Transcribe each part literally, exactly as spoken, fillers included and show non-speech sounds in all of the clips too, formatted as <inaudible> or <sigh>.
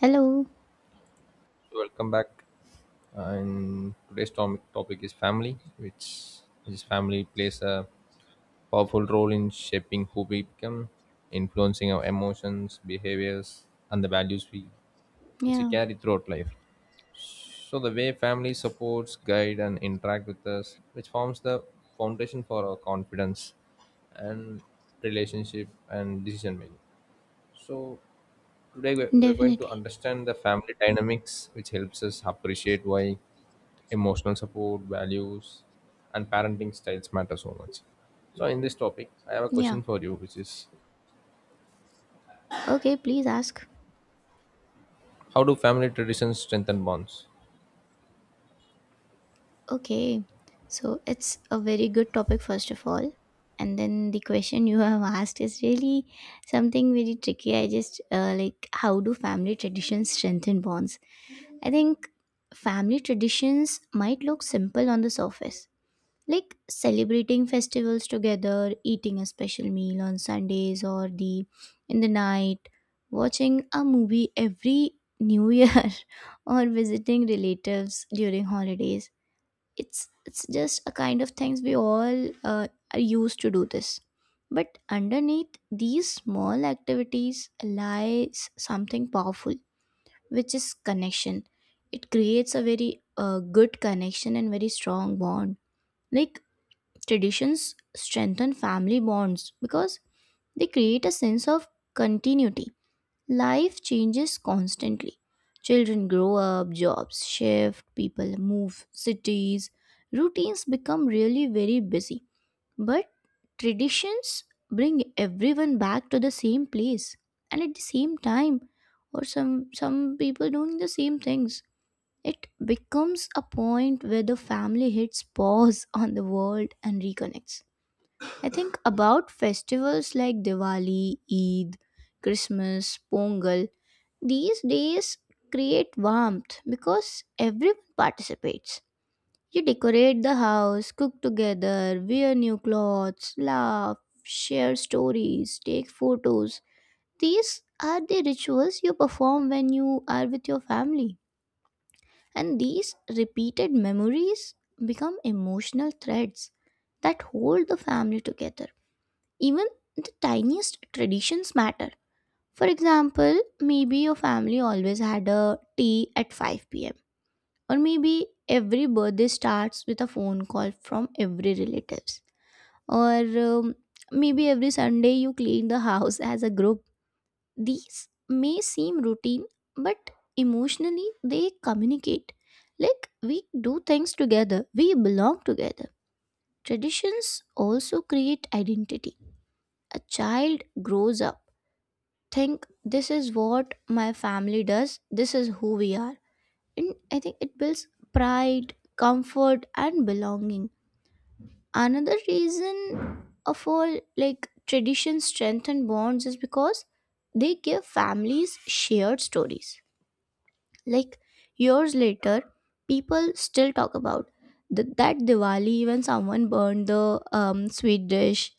Hello. Welcome back. And today's tom- topic is family, which this family plays a powerful role in shaping who we become, influencing our emotions, behaviors, and the values we which we Yeah, carry throughout life. So the way family supports, guide, and interact with us, which forms the foundation for our confidence and relationship and decision making. So today we- we're going to definitely. understand the family dynamics, which helps us appreciate why emotional support, values, and parenting styles matter so much. So, in this topic, I have a Yeah. question for you, which is, Okay, please ask. how do family traditions strengthen bonds? Okay. So it's a very good topic, first of all. And then the question you <laughs> have asked is really something very tricky. I just uh, like, how do family traditions strengthen bonds? I think family traditions might look simple on the surface, like celebrating festivals together, eating a special meal on Sundays, or the in the night watching a movie every new year, <laughs> or visiting relatives during holidays. It's it's just a kind of things we all uh, are used to do this. But underneath these small activities lies something powerful, which is connection. It creates a very uh, good connection and very strong bond. Like, traditions strengthen family bonds because they create a sense of continuity. Life changes constantly. Children grow up, jobs shift, people move cities. Routines become really very busy. But traditions bring everyone back to the same place and at the same time, or some some people doing the same things. It becomes a point where the family hits pause on the world and reconnects. I think about festivals like Diwali, Eid, Christmas, Pongal. These days create warmth because everyone participates. You decorate the house, cook together, wear new clothes, laugh, share stories, take photos. These are the rituals you perform when you are with your family. And these repeated memories become emotional threads that hold the family together. Even the tiniest traditions matter. For example, maybe your family always had a tea at five p m, or maybe every birthday starts with a phone call from every relatives, or um, maybe every Sunday you clean the house <laughs> as a group. These may seem routine, but emotionally they communicate. Like, we do things together, we belong together. Traditions also create identity. A child grows up think this is what my family does, this is who we are. And I think it builds pride, comfort, and belonging. Another reason of all, like traditions strengthen bonds, is because they give families shared stories. Like, years later, people still talk about th- that Diwali when someone burned the um, sweet dish,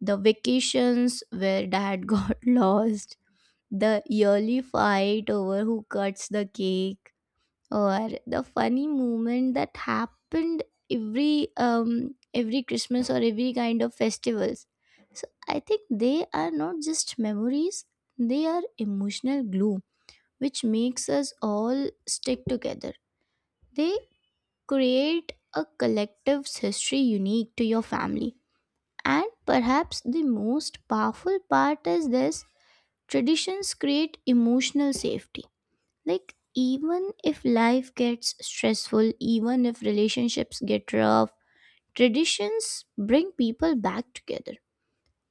the vacations where dad <laughs> got lost, the yearly fight over who cuts the cake, or the funny moment that happened every um every Christmas or every kind of festivals. So I think they are not just memories, they are emotional glue which makes us all stick together. They create a collective's history unique to your family. And perhaps the most powerful part is this: traditions create emotional safety. Like, even if life gets stressful, even if relationships get rough, traditions bring people back together.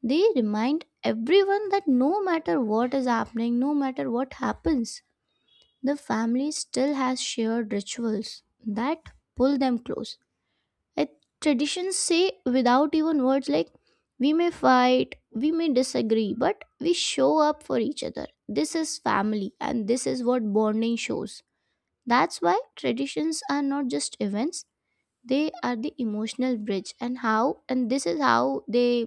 They remind everyone that no matter what is happening, no matter what happens, the family still has shared rituals that pull them close. I, traditions say without even words, like, we may fight, we may disagree, but we show up for each other. This is family, and this is what bonding shows. That's why traditions are not just events, they are the emotional bridge, and how, and this is how they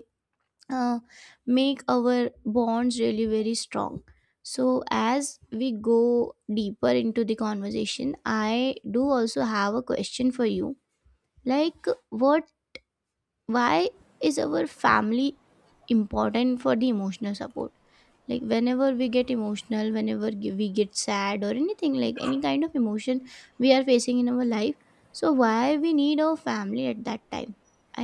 uh, make our bonds really very strong. So as we go deeper into the conversation, I do also have a question for you. Like, what why is our family important for the emotional support? Like, whenever we get emotional, whenever g- we get sad or anything, like any kind of emotion we are facing in our life, so why we need our family at that time?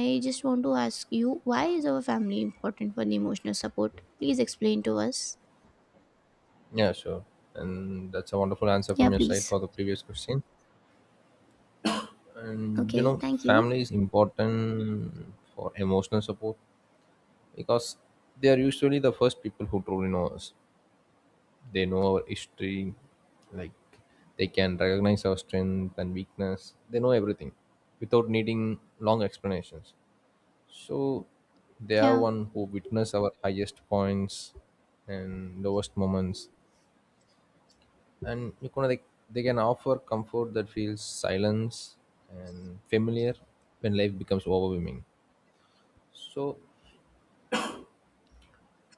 I just want to ask you, why is our family important for the emotional support? Please explain to us. Yeah, sure. And that's a wonderful answer Yeah, from your side please. for the previous question. And you Okay, know, thank you. family is important for emotional support because they are usually the first people who truly know us. They know our history, like they can recognize our strength and weakness, they know everything without needing long explanations. So they are Yeah, one who witness our highest points and lowest moments. And you can, like, they can offer comfort that feels silence and familiar when life becomes overwhelming. So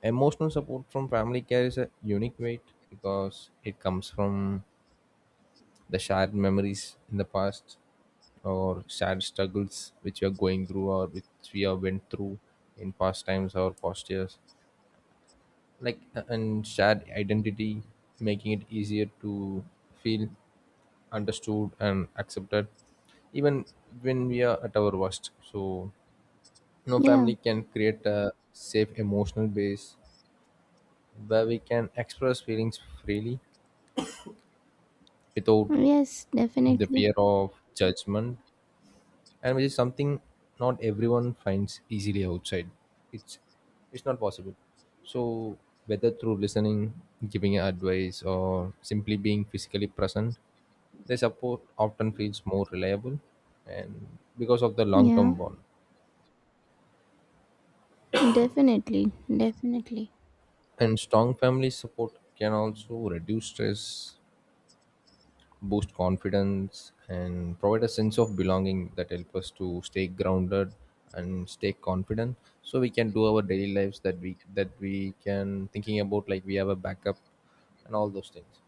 emotional support from family carries a unique weight because it comes from the shared memories in the past, or shared struggles which we are going through, or which we have went through in past times or past years, like a- and shared identity, making it easier to feel understood and accepted even when we are at our worst. So no yeah. family can create a safe emotional base where we can express feelings freely without Yes, the definitely. fear of judgment, and which is something not everyone finds easily outside. It's it's not possible. So whether through listening, giving advice, or simply being physically present, their support often feels more reliable, and because of the long Yeah, term bond. definitely, definitely. And strong family support can also reduce stress, boost confidence, and provide a sense of belonging that help us to stay grounded and stay confident, so we can do our daily lives, that we that we can thinking about like we have a backup and all those things.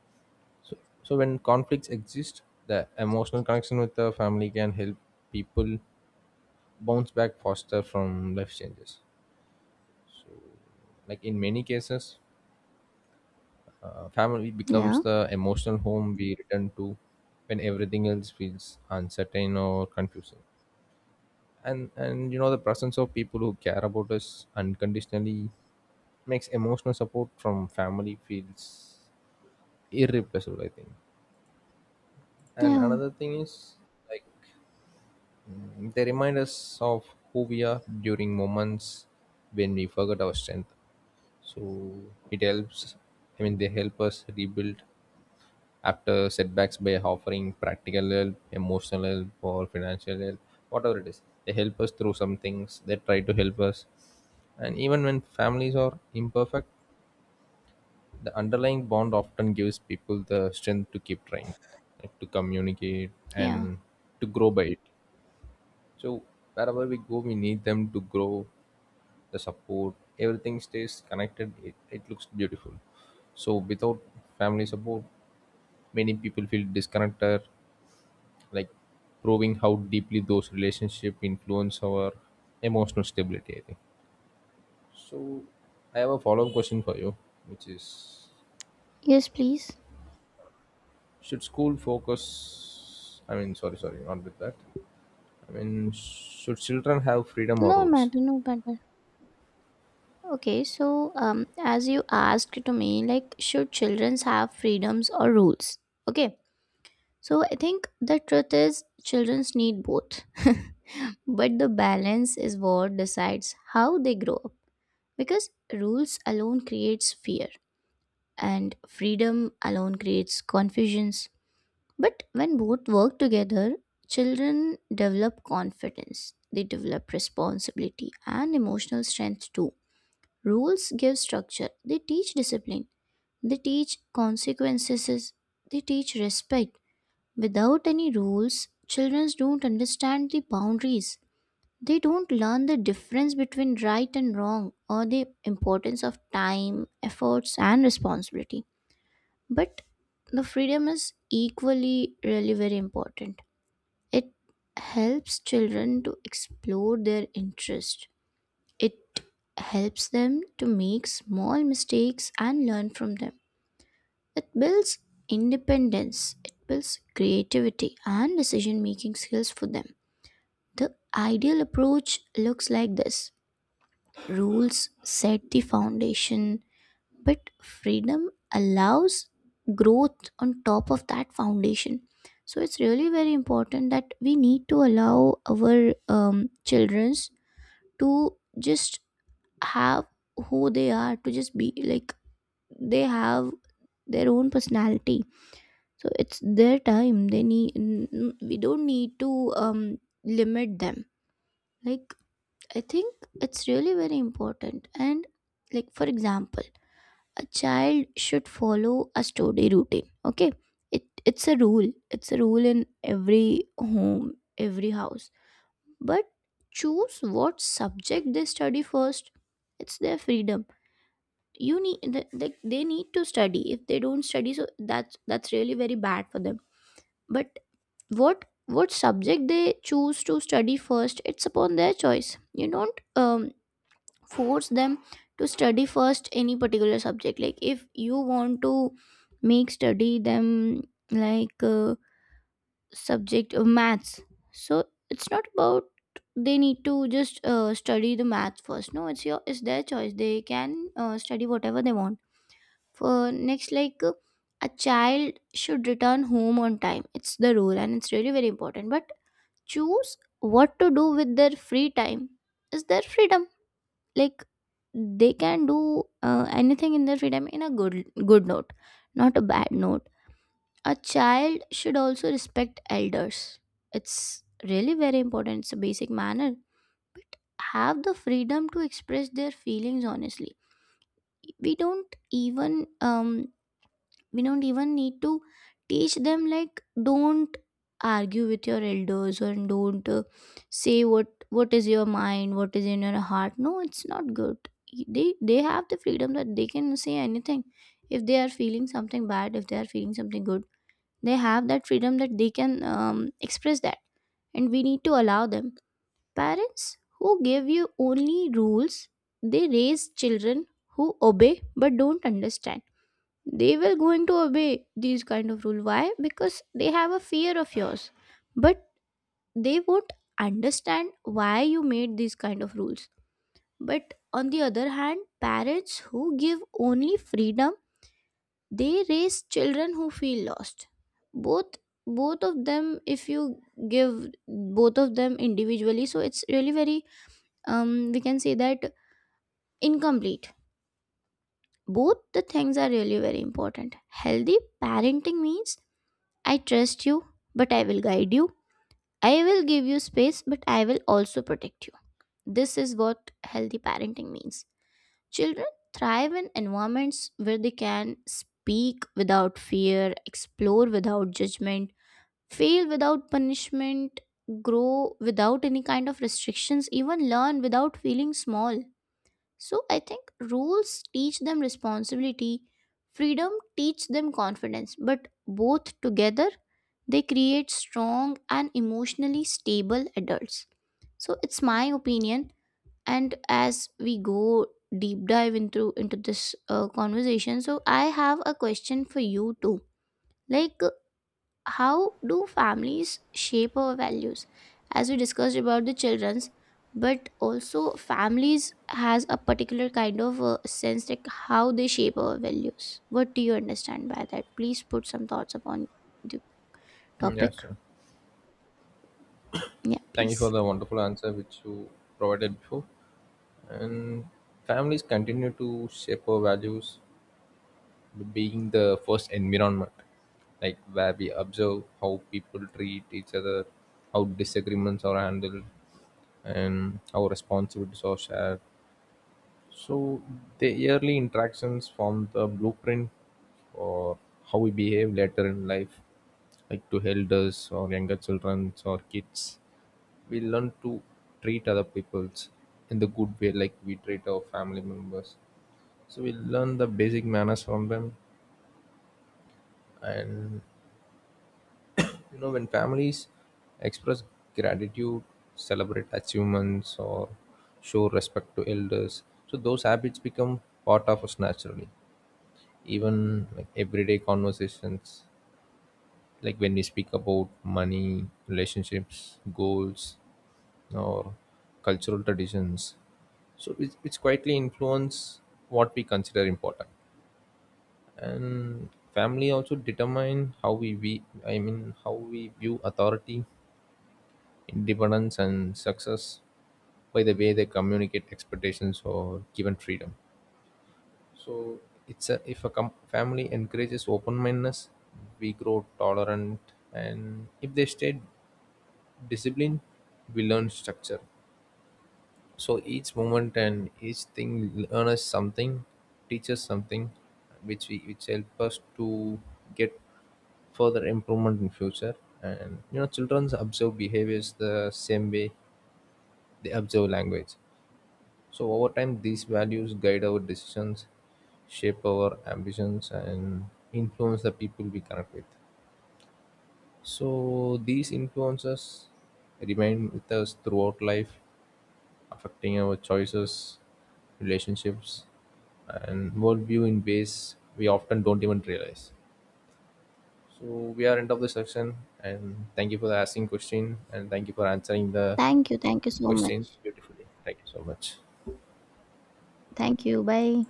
So so when conflicts exist, the emotional connection with the family can help people bounce back faster from life changes. So, like in many cases, uh, family becomes Yeah, the emotional home we return to when everything else feels uncertain or confusing. and and you know, the presence of people who care about us unconditionally makes emotional support from family feels irreplaceable, I think. And yeah, another thing is, like, mm, they remind us of who we are during moments when we forget our strength. So it helps, I mean they help us rebuild after setbacks by offering practical help, emotional help, or financial help, whatever it is. They help us through some things, they try to help us. And even when families are imperfect, the underlying bond often gives people the strength to keep trying, like to communicate yeah. and to grow by it. So, wherever we go, we need them to grow, the support, everything stays connected. It, it looks beautiful. So, without family support, many people feel disconnected, like, proving how deeply those relationships influence our emotional stability, I think. So I have a follow-up question for you, which is, Yes, please. should school focus, I mean sorry, sorry, not with that. I mean, should children have freedom or No rules? matter, no matter. Okay, so um, as you asked to me, like, should children have freedoms or rules? Okay, so I think the truth is children need both, <laughs> but the balance is what decides how they grow up, because rules alone creates fear and freedom alone creates confusions. But when both work together, children develop confidence, they develop responsibility and emotional strength too. Rules give structure, they teach discipline, they teach consequences, they teach respect. Without any rules, children don't understand the boundaries. They don't learn the difference between right and wrong, or the importance of time, efforts, and responsibility. But the freedom is equally really very important. It helps children to explore their interests. It helps them to make small mistakes and learn from them. It builds independence, it builds creativity and decision making skills for them. The ideal approach looks like this: rules set the foundation, but freedom allows growth on top of that foundation. So it's really very important that we need to allow our um, children to just have who they are, to just be like, they have their own personality. So it's their time, they need, n- n- we don't need to um limit them. Like, I think it's really very important. And like, for example, a child should follow a study routine, okay? It it's a rule, it's a rule in every home, every house. But choose what subject they study first, it's their freedom. You need the, they, they need to study. If they don't study, so that's that's really very bad for them. But what what subject they choose to study first, it's upon their choice. You don't um, force them to study first any particular subject. Like, if you want to make study them, like, uh, subject of maths, so it's not about they need to just uh, study the math first. No, it's your, it's their choice, they can uh, study whatever they want. For next, like, uh, a child should return home on time. It's the rule and it's really very important. But choose what to do with their free time is their freedom. Like, they can do uh, anything in their freedom in a good good note, not a bad note. A child should also respect elders. It's really very important. It's a basic manner. Have the freedom to express their feelings honestly. We don't even um we don't even need to teach them like, don't argue with your elders, and don't uh, say what what is your mind, what is in your heart. No, it's not good. They they have the freedom that they can say anything. If they are feeling something bad, if they are feeling something good, they have that freedom that they can um, express that, and we need to allow them. Parents who give you only rules, they raise children who obey but don't understand. They will going to obey these kind of rule, why? Because they have a fear of yours. But they won't understand why you made these kind of rules. But on the other hand, parents who give only freedom, they raise children who feel lost. Both, both of them, if you give both of them individually, so it's really very, um we can say that, incomplete. Both the things are really very important. Healthy parenting means, I trust you, but I will guide you. I will give you space, but I will also protect you. This is what healthy parenting means. Children thrive in environments where they can speak without fear, explore without judgment, fail without punishment, grow without any kind of restrictions, even learn without feeling small. So I think rules teach them responsibility, freedom teach them confidence, but both together they create strong and emotionally stable adults. So it's my opinion. And as we go deep dive into into this uh, conversation, so I have a question for you too. Like, how do families shape our values? As we discussed about the children's, but also families has a particular kind of uh, sense, like how they shape our values. What do you understand by that? Please put some thoughts upon the Mm, yeah, topic. sure. Yeah, Thank you for please. the wonderful answer which you provided before. And families continue to shape our values, being the first environment, like where we observe how people treat each other, how disagreements are handled, and how responsibilities are shared. So the early interactions form the blueprint for how we behave later in life, like to elders or younger children or kids. We learn to treat other peoples in the good way like we treat our family members, so we learn the basic manners from them. And you know, when families express gratitude, celebrate achievements, or show respect to elders, so those habits become part of us naturally. Even like everyday conversations, like when we speak about money, relationships, goals, or cultural traditions, so it's, it's quietly influence what we consider important. And family also determine how we, we i mean how we view authority, Independence, and success, by the way they communicate expectations or given freedom. So it's a, if a com- family encourages open mindedness, we grow tolerant, and if they stay disciplined, we learn structure. So each moment and each thing learn us something, teach us something, which we which help us to get further improvement in future. And you know, children observe behaviors the same way they observe language. So over time, these values guide our decisions, shape our ambitions, and influence the people we connect with. So these influences remain with us throughout life, affecting our choices, relationships, and worldview in ways we often don't even realize. So we are end of the section, and thank you for the asking question, and thank you for answering the Thank you, thank you so questions much. beautifully. Thank you so much. Thank you, bye.